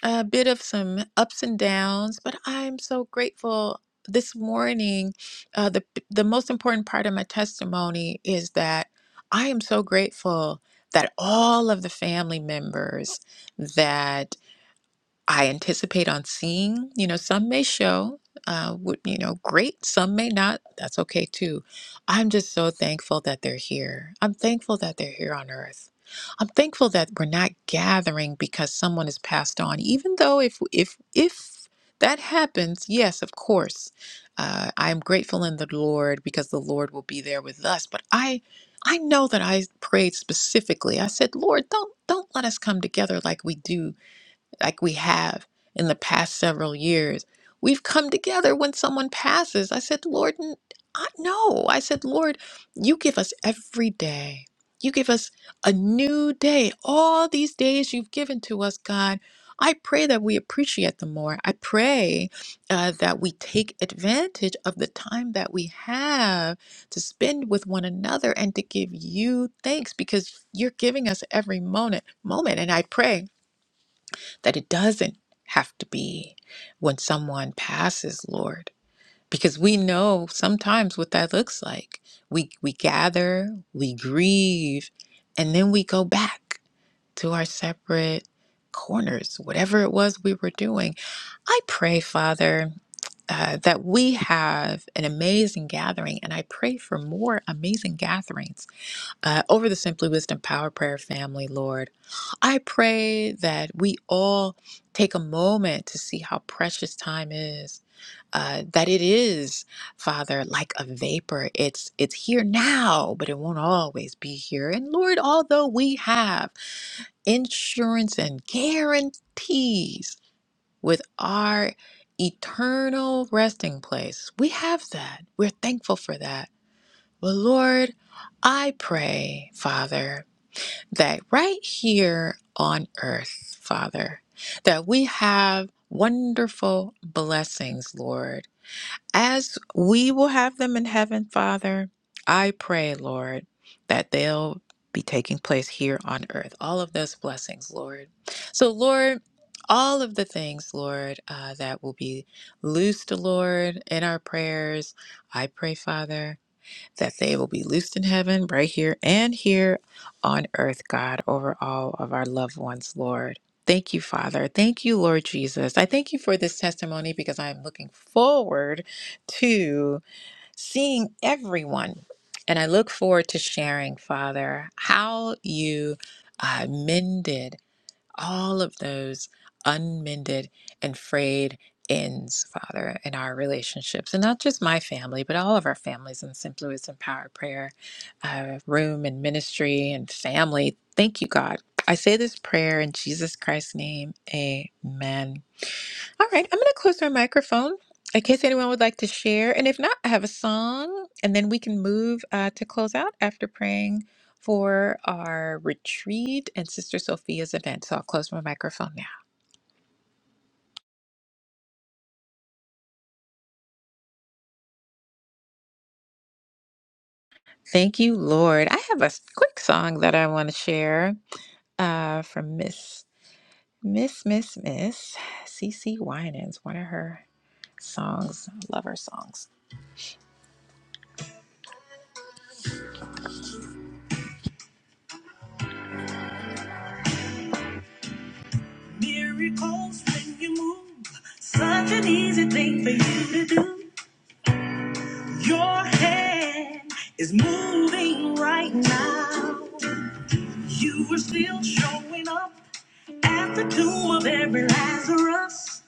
[SPEAKER 1] a bit of some ups and downs, but I'm so grateful this morning uh, the the most important part of my testimony is that I am so grateful that all of the family members that. I anticipate on seeing. You know, some may show, uh, would you know, great. Some may not. That's okay too. I'm just so thankful that they're here. I'm thankful that they're here on Earth. I'm thankful that we're not gathering because someone has passed on. Even though if if if that happens, yes, of course, uh, I am grateful in the Lord because the Lord will be there with us. But I. I know that I prayed specifically. I said, "Lord, don't don't let us come together like we do like we have in the past several years. We've come together when someone passes. I said, Lord, n- I, no. I said, Lord, you give us every day. You give us a new day. All these days you've given to us, God. I pray that we appreciate them more. I pray uh, that we take advantage of the time that we have to spend with one another and to give you thanks because you're giving us every moment. Moment, and I pray that it doesn't have to be when someone passes, Lord, because we know sometimes what that looks like. We we gather, we grieve, and then we go back to our separate corners, whatever it was we were doing. I pray, Father, uh, that we have an amazing gathering, and I pray for more amazing gatherings uh, over the Simply Wisdom Power Prayer family, Lord. I pray that we all take a moment to see how precious time is. Uh, that it is, Father, like a vapor. It's it's here now, but it won't always be here. And Lord, although we have insurance and guarantees with our eternal resting place, we have that. We're thankful for that. But Lord, I pray, Father that right here on earth, Father, that we have wonderful blessings, Lord, as we will have them in heaven, Father. I pray, Lord, that they'll be taking place here on earth. All of those blessings, Lord. So, Lord, all of the things, Lord, uh, that will be loosed, Lord, in our prayers. I pray, Father that they will be loosed in heaven, right here and here on earth, God, over all of our loved ones, Lord. Thank you, Father. Thank you, Lord Jesus. I thank you for this testimony because I am looking forward to seeing everyone. And I look forward to sharing, Father, how you uh, mended all of those unmended and frayed ends, Father, in our relationships. And not just my family, but all of our families in Simply Wisdom Power Prayer uh, room and ministry and family. Thank you, God. I say this prayer in Jesus Christ's name. Amen. All right, I'm going to close our microphone in case anyone would like to share. And if not, I have a song, and then we can move uh, to close out after praying for our retreat and Sister Sophia's event. So I'll close my microphone now. Thank you, Lord. I have a s- quick song that I want to share uh, from Miss Miss Miss Miss C C Winans, one of her songs. I love her songs. Miracles when you move, such an easy thing for you to do. Your hand is moving right now. You are still showing up at the tomb of every Lazarus.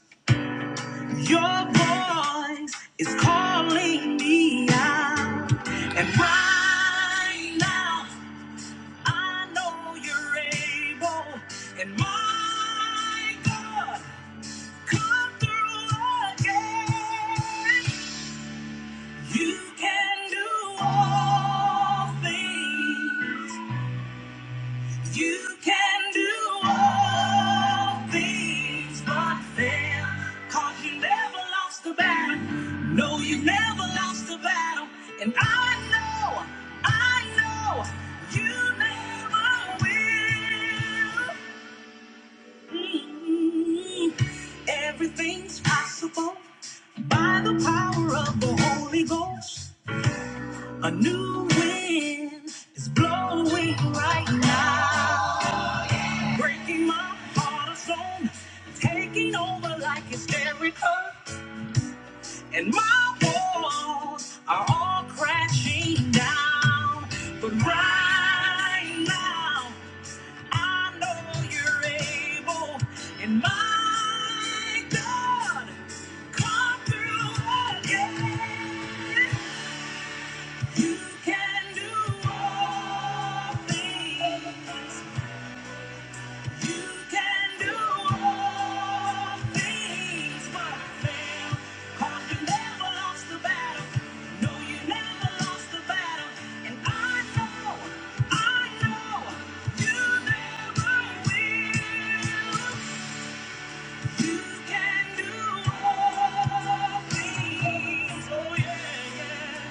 [SPEAKER 1] Your voice is calling me out. And right now, I know you're able. And my God, come through again. You can do all things. You can do all things but fail. Cause you never lost a battle. No, you never lost a battle. And I know, I know, you never will. Mm. Everything's possible by the power of the Holy Ghost. A new wind is blowing right now, breaking my heart zone, taking over like hysterical, and my walls are all crashing down. But right now, I know you're able, and my God, come through again. Oh yeah, yeah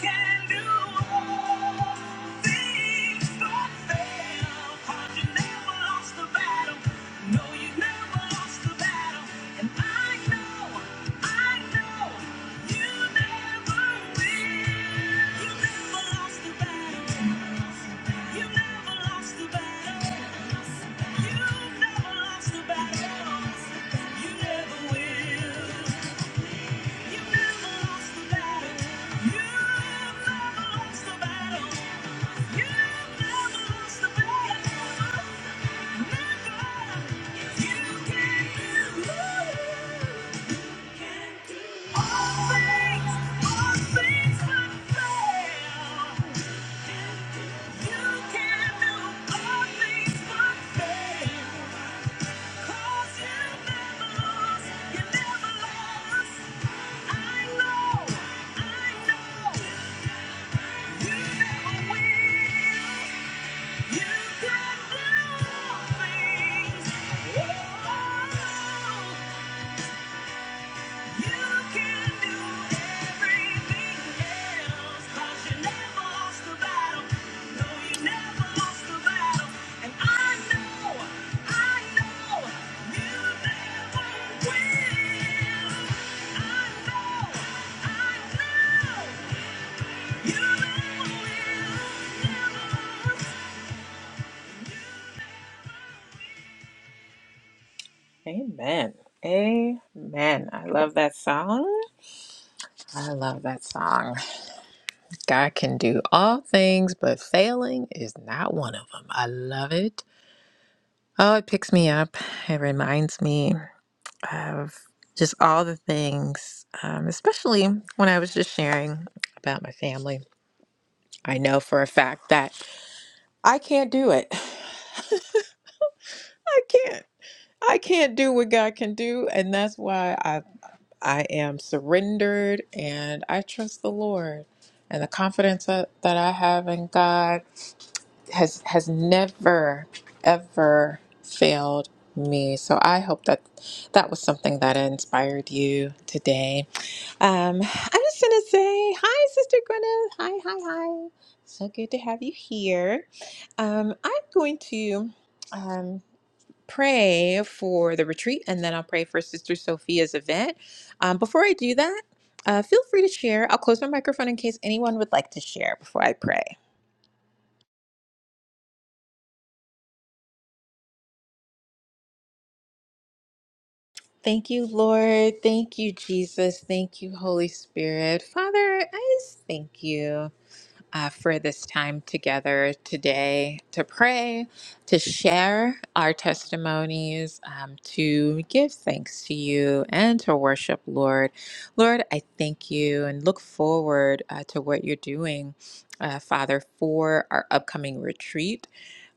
[SPEAKER 1] can do all things but fail. 'Cause you never lost the battle. No, you never lost the battle. And I know, I know, you never will. Never. You can do. it. You can do all things. Amen. Amen. I love that song. I love that song. God can do all things, but failing is not one of them. I love it. Oh, it picks me up. It reminds me of just all the things, um, especially when I was just sharing about my family. I know for a fact that I can't do it. I can't. I can't do what God can do, and that's why I I am surrendered and I trust the Lord and the confidence that, that I have in God has has never ever failed me. So I hope that that was something that inspired you today. Um, I'm just gonna say hi, Sister Gwyneth. Hi, hi, hi. So good to have you here. Um, I'm going to um, pray for the retreat, and then I'll pray for Sister Sophia's event. Um, before I do that. Uh, feel free to share. I'll close my microphone in case anyone would like to share before I pray. Thank you, Lord. Thank you, Jesus. Thank you, Holy Spirit. Father, I just thank you uh, for this time together today to pray, to share our testimonies, um, to give thanks to you, and to worship, Lord. Lord, I thank you and look forward uh, to what you're doing, uh, Father, for our upcoming retreat.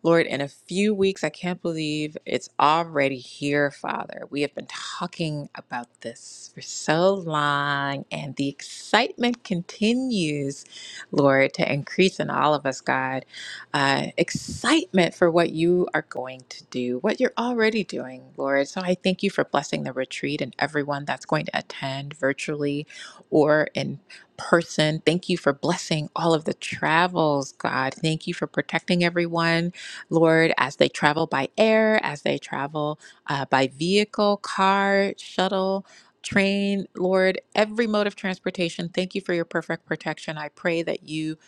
[SPEAKER 1] Lord, in a few weeks, I can't believe it's already here, Father. We have been talking about this for so long, and the excitement continues, Lord, to increase in all of us, God. Uh, excitement for what you are going to do, what you're already doing, Lord. So I thank you for blessing the retreat and everyone that's going to attend virtually or in person. Thank you for blessing all of the travels, God. Thank you for protecting everyone Lord, as they travel by air, as they travel uh, by vehicle, car, shuttle, train, Lord, every mode of transportation, thank you for your perfect protection. I pray that you,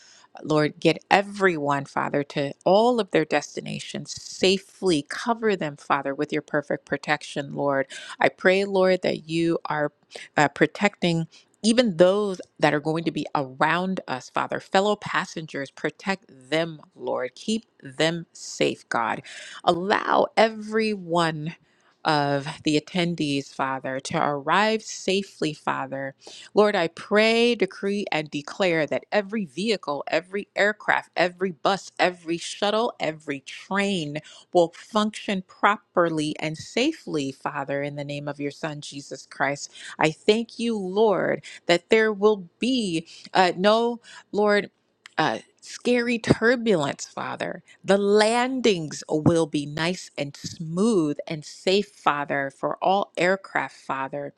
[SPEAKER 1] Lord, get everyone, Father, to all of their destinations safely. Cover them, Father, with your perfect protection, Lord. I pray, Lord, that you are uh, protecting even those that are going to be around us, Father, fellow passengers, protect them, Lord. Keep them safe, God. Allow every one of the attendees, Father, to arrive safely, Father. Lord, I pray, decree, and declare that every vehicle, every aircraft, every bus, every shuttle, every train will function properly and safely, Father, in the name of your Son, Jesus Christ. I thank you, Lord that there will be uh, no, Lord, uh, scary turbulence, Father. The landings will be nice and smooth and safe, Father, for all aircraft, Father.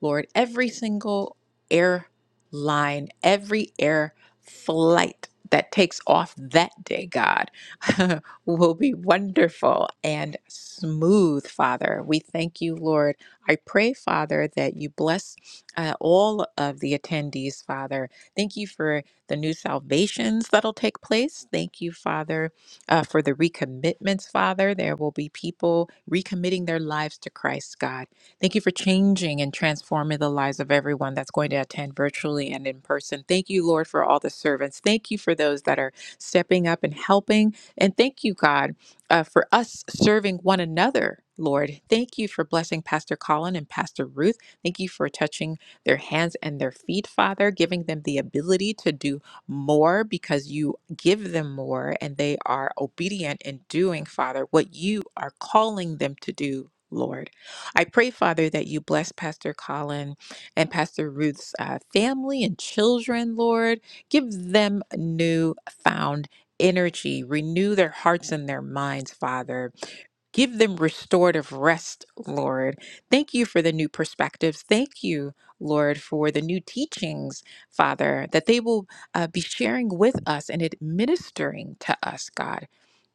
[SPEAKER 1] Lord, every single airline, every air flight that takes off that day, God, will be wonderful and smooth, Father. We thank you, Lord. I pray, Father, that you bless uh, all of the attendees, Father. Thank you for the new salvations that'll take place. Thank you, Father, uh, for the recommitments, Father. There will be people recommitting their lives to Christ, God. Thank you for changing and transforming the lives of everyone that's going to attend virtually and in person. Thank you, Lord, for all the servants. Thank you for those that are stepping up and helping. And thank you, God, uh, for us serving one another. Lord, thank you for blessing Pastor Colin and Pastor Ruth. Thank you for touching their hands and their feet, Father, giving them the ability to do more because you give them more and they are obedient in doing, Father, what you are calling them to do. Lord, I pray, Father, that you bless Pastor Colin and Pastor Ruth's uh, family and children, Lord. Give them new found energy, renew their hearts and their minds, Father Give them restorative rest, Lord. Thank you for the new perspectives. Thank you, Lord, for the new teachings, Father, that they will uh, be sharing with us and administering to us, God.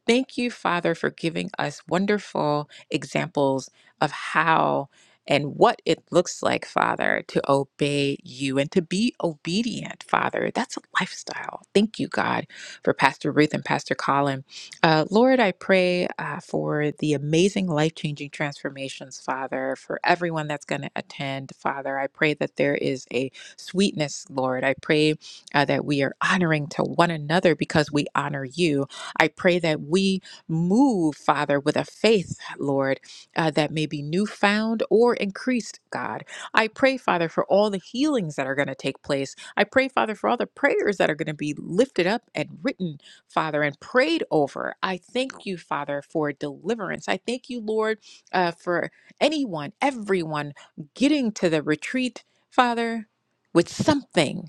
[SPEAKER 1] Thank you, Father, for giving us wonderful examples of how and what it looks like, Father, to obey you and to be obedient, Father. That's a lifestyle. Thank you, God, for Pastor Ruth and Pastor Colin. Uh, Lord, I pray uh, for the amazing life changing transformations, Father, for everyone that's going to attend, Father. I pray that there is a sweetness, Lord. I pray uh, that we are honoring to one another because we honor you I pray that we move, Father, with a faith, Lord, uh, that may be newfound or increased, God. I pray, Father, for all the healings that are going to take place. I pray, Father, for all the prayers that are going to be lifted up and written, Father, and prayed over. I thank you, Father, for deliverance. I thank you, Lord, uh, for anyone, everyone getting to the retreat, Father, with something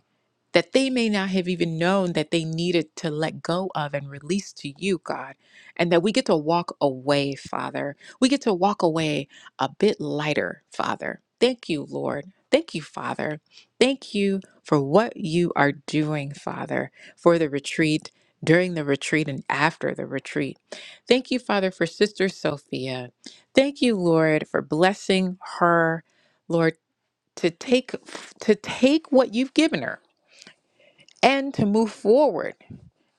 [SPEAKER 1] that they may not have even known that they needed to let go of and release to you, God, and that we get to walk away, Father. We get to walk away a bit lighter, Father. Thank you, Lord. Thank you, Father. Thank you for what you are doing, Father, for the retreat, during the retreat, and after the retreat. Thank you, Father, for Sister Sophia. Thank you, Lord, for blessing her, Lord, to take to take what you've given her and to move forward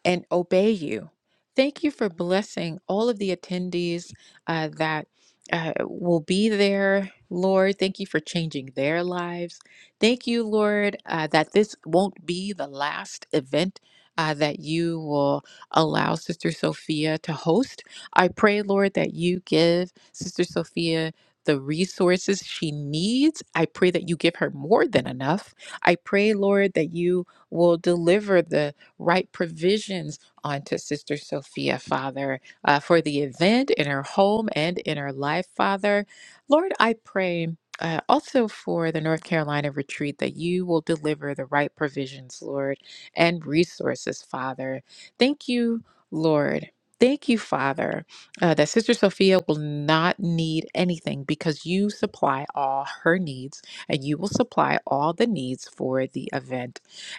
[SPEAKER 1] and obey you. Thank you for blessing all of the attendees uh, that uh, will be there, Lord. Thank you for changing their lives. Thank you, Lord, uh, that this won't be the last event. Uh, that you will allow Sister Sophia to host. I pray, Lord, that you give Sister Sophia the resources she needs. I pray that you give her more than enough. I pray, Lord, that you will deliver the right provisions onto Sister Sophia, Father, uh, for the event in her home and in her life, Father. Lord, I pray. Uh, also, for the North Carolina retreat, that you will deliver the right provisions, Lord, and resources, Father. Thank you, Lord. Thank you, Father, uh, that Sister Sophia will not need anything because you supply all her needs and you will supply all the needs for the event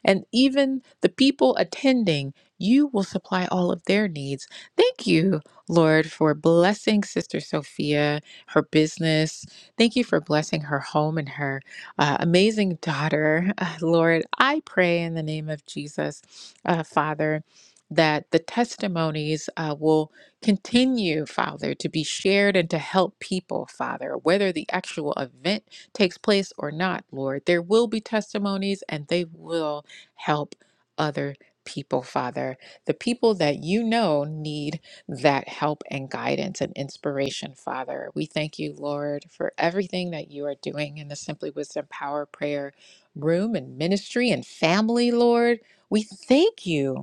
[SPEAKER 1] and even the people attending, you will supply all of their needs. Thank you, Lord, for blessing Sister Sophia, her business. Thank you for blessing her home and her uh, amazing daughter. Uh, Lord, I pray in the name of Jesus, uh, Father, that the testimonies uh, will continue, Father, to be shared and to help people, Father, whether the actual event takes place or not, Lord. There will be testimonies and they will help other people, Father. The people that you know need that help and guidance and inspiration, Father. We thank you, Lord, for everything that you are doing in the Simply Wisdom Power Prayer room and ministry and family, Lord. We thank you.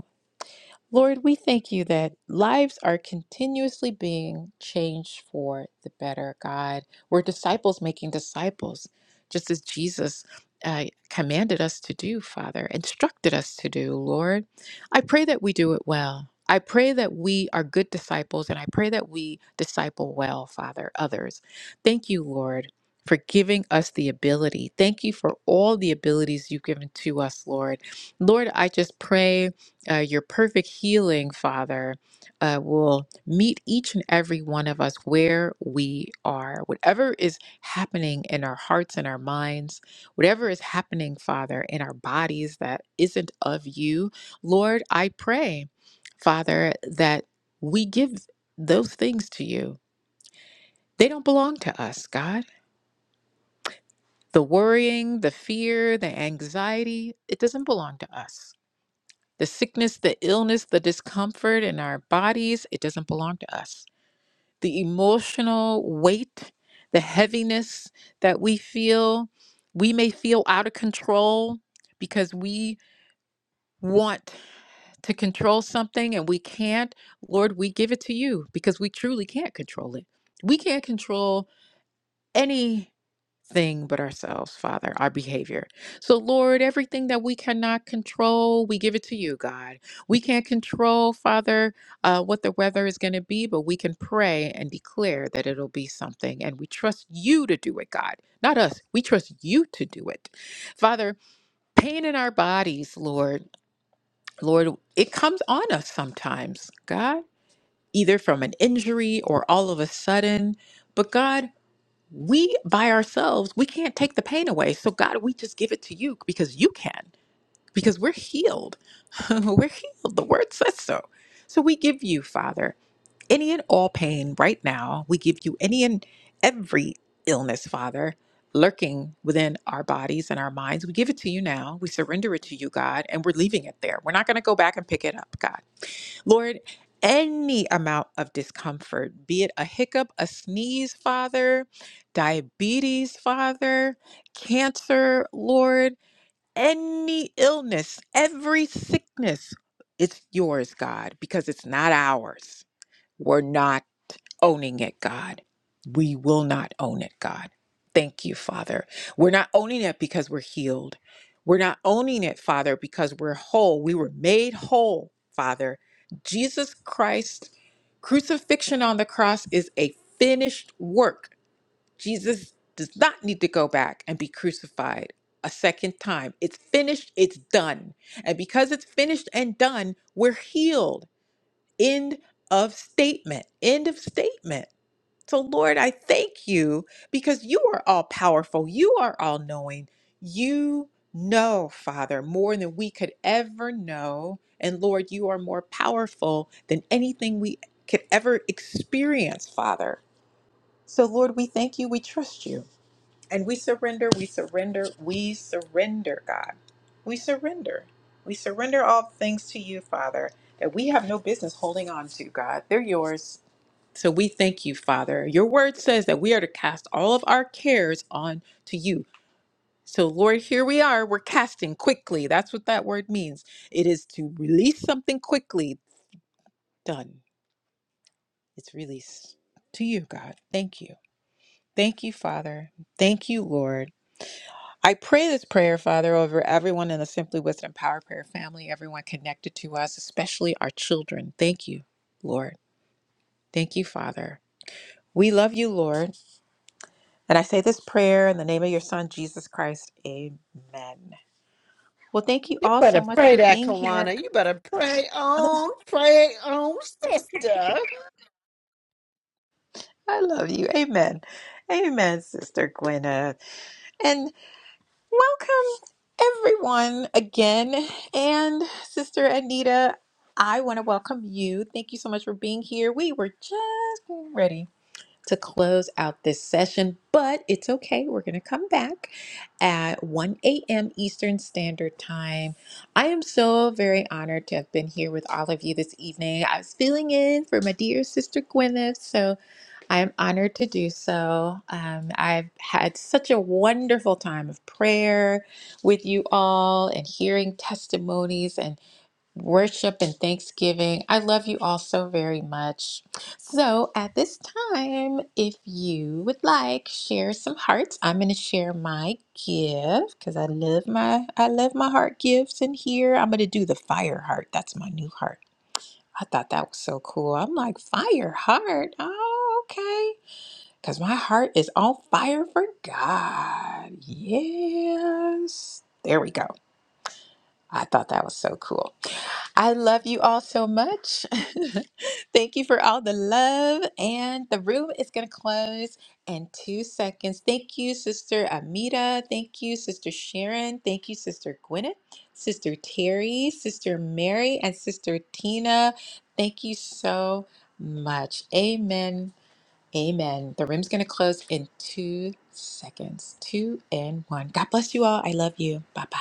[SPEAKER 1] Lord, we thank you that lives are continuously being changed for the better, God. We're disciples making disciples, just as Jesus uh, commanded us to do, Father, instructed us to do, Lord. I pray that we do it well. I pray that we are good disciples, and I pray that we disciple well, Father, others. Thank you, Lord. For giving us the ability. Thank you for all the abilities you've given to us, Lord. Lord, I just pray uh, your perfect healing, Father, uh, will meet each and every one of us where we are. Whatever is happening in our hearts and our minds, whatever is happening, Father, in our bodies that isn't of you, Lord, I pray, Father, that we give those things to you. They don't belong to us, God. The worrying, the fear, the anxiety, it doesn't belong to us. The sickness, the illness, the discomfort in our bodies, it doesn't belong to us. The emotional weight, the heaviness that we feel, we may feel out of control because we want to control something and we can't. Lord, we give it to you because we truly can't control it. We can't control any thing but ourselves, Father, our behavior. So, Lord, everything that we cannot control, we give it to you, God. We can't control, Father, uh, what the weather is going to be, but we can pray and declare that it'll be something. And we trust you to do it, God, not us. We trust you to do it. Father, pain in our bodies, Lord, Lord, it comes on us sometimes, God, either from an injury or all of a sudden. But God, we by ourselves we can't take the pain away so god we just give it to you because you can because we're healed we're healed the word says so so we give you father any and all pain right now we give you any and every illness father lurking within our bodies and our minds we give it to you now we surrender it to you god and we're leaving it there we're not going to go back and pick it up god Lord, any amount of discomfort, be it a hiccup, a sneeze, Father, diabetes, Father, cancer, Lord, any illness, every sickness, it's yours, God, because it's not ours. We're not owning it, God. We will not own it, God. Thank you, Father. We're not owning it because we're healed. We're not owning it, Father, because we're whole. We were made whole, Father. Jesus Christ, crucifixion on the cross is a finished work. Jesus does not need to go back and be crucified a second time. It's finished, it's done. And because it's finished and done, we're healed. End of statement. End of statement. So, Lord, I thank you because you are all powerful. You are all knowing. You know, Father, more than we could ever know. And Lord, you are more powerful than anything we could ever experience, Father. So, Lord, we thank you. We trust you. And we surrender. We surrender. We surrender, God. We surrender. We surrender all things to you, Father, that we have no business holding on to, God. They're yours. So we thank you, Father. Your word says that we are to cast all of our cares on to you. So, Lord, here we are. We're casting quickly. That's what that word means. It is to release something quickly. Done. It's released to you, God. Thank you. Thank you, Father. Thank you, Lord. I pray this prayer, Father, over everyone in the Simply Wisdom Power Prayer family, everyone connected to us, especially our children. Thank you, Lord. Thank you, Father. We love you, Lord. And I say this prayer in the name of your son, Jesus Christ. Amen. Well, thank you
[SPEAKER 5] You
[SPEAKER 1] all so
[SPEAKER 5] better
[SPEAKER 1] much
[SPEAKER 5] pray
[SPEAKER 1] for
[SPEAKER 5] that,
[SPEAKER 1] being
[SPEAKER 5] Kawana.
[SPEAKER 1] here.
[SPEAKER 5] You better pray on, pray on, sister.
[SPEAKER 1] I love you. Amen. Amen, Sister Gwyneth. And welcome everyone again. And Sister Anita, I want to welcome you. Thank you so much for being here. We were just getting ready to close out this session, but it's okay. We're going to come back at 1 a.m. Eastern Standard Time. I am so very honored to have been here with all of you this evening. I was filling in for my dear sister Gwyneth, so I am honored to do so. Um, I've had such a wonderful time of prayer with you all and hearing testimonies. and worship and thanksgiving. I love you all so very much. So, at this time, if you would like, share some hearts. I'm going to share my gift because I love my I love my heart gifts in here. I'm going to do the fire heart. That's my new heart. I thought that was so cool. I'm like fire heart. Oh, okay. Because my heart is on fire for God. Yes. There we go. I thought that was so cool. I love you all so much. Thank you for all the love. And the room is going to close in two seconds. Thank you, Sister Amita. Thank you, Sister Sharon. Thank you, Sister Gwyneth, Sister Terry, Sister Mary, and Sister Tina. Thank you so much. Amen. Amen. The room's going to close in two seconds. Two and one. God bless you all. I love you. Bye bye.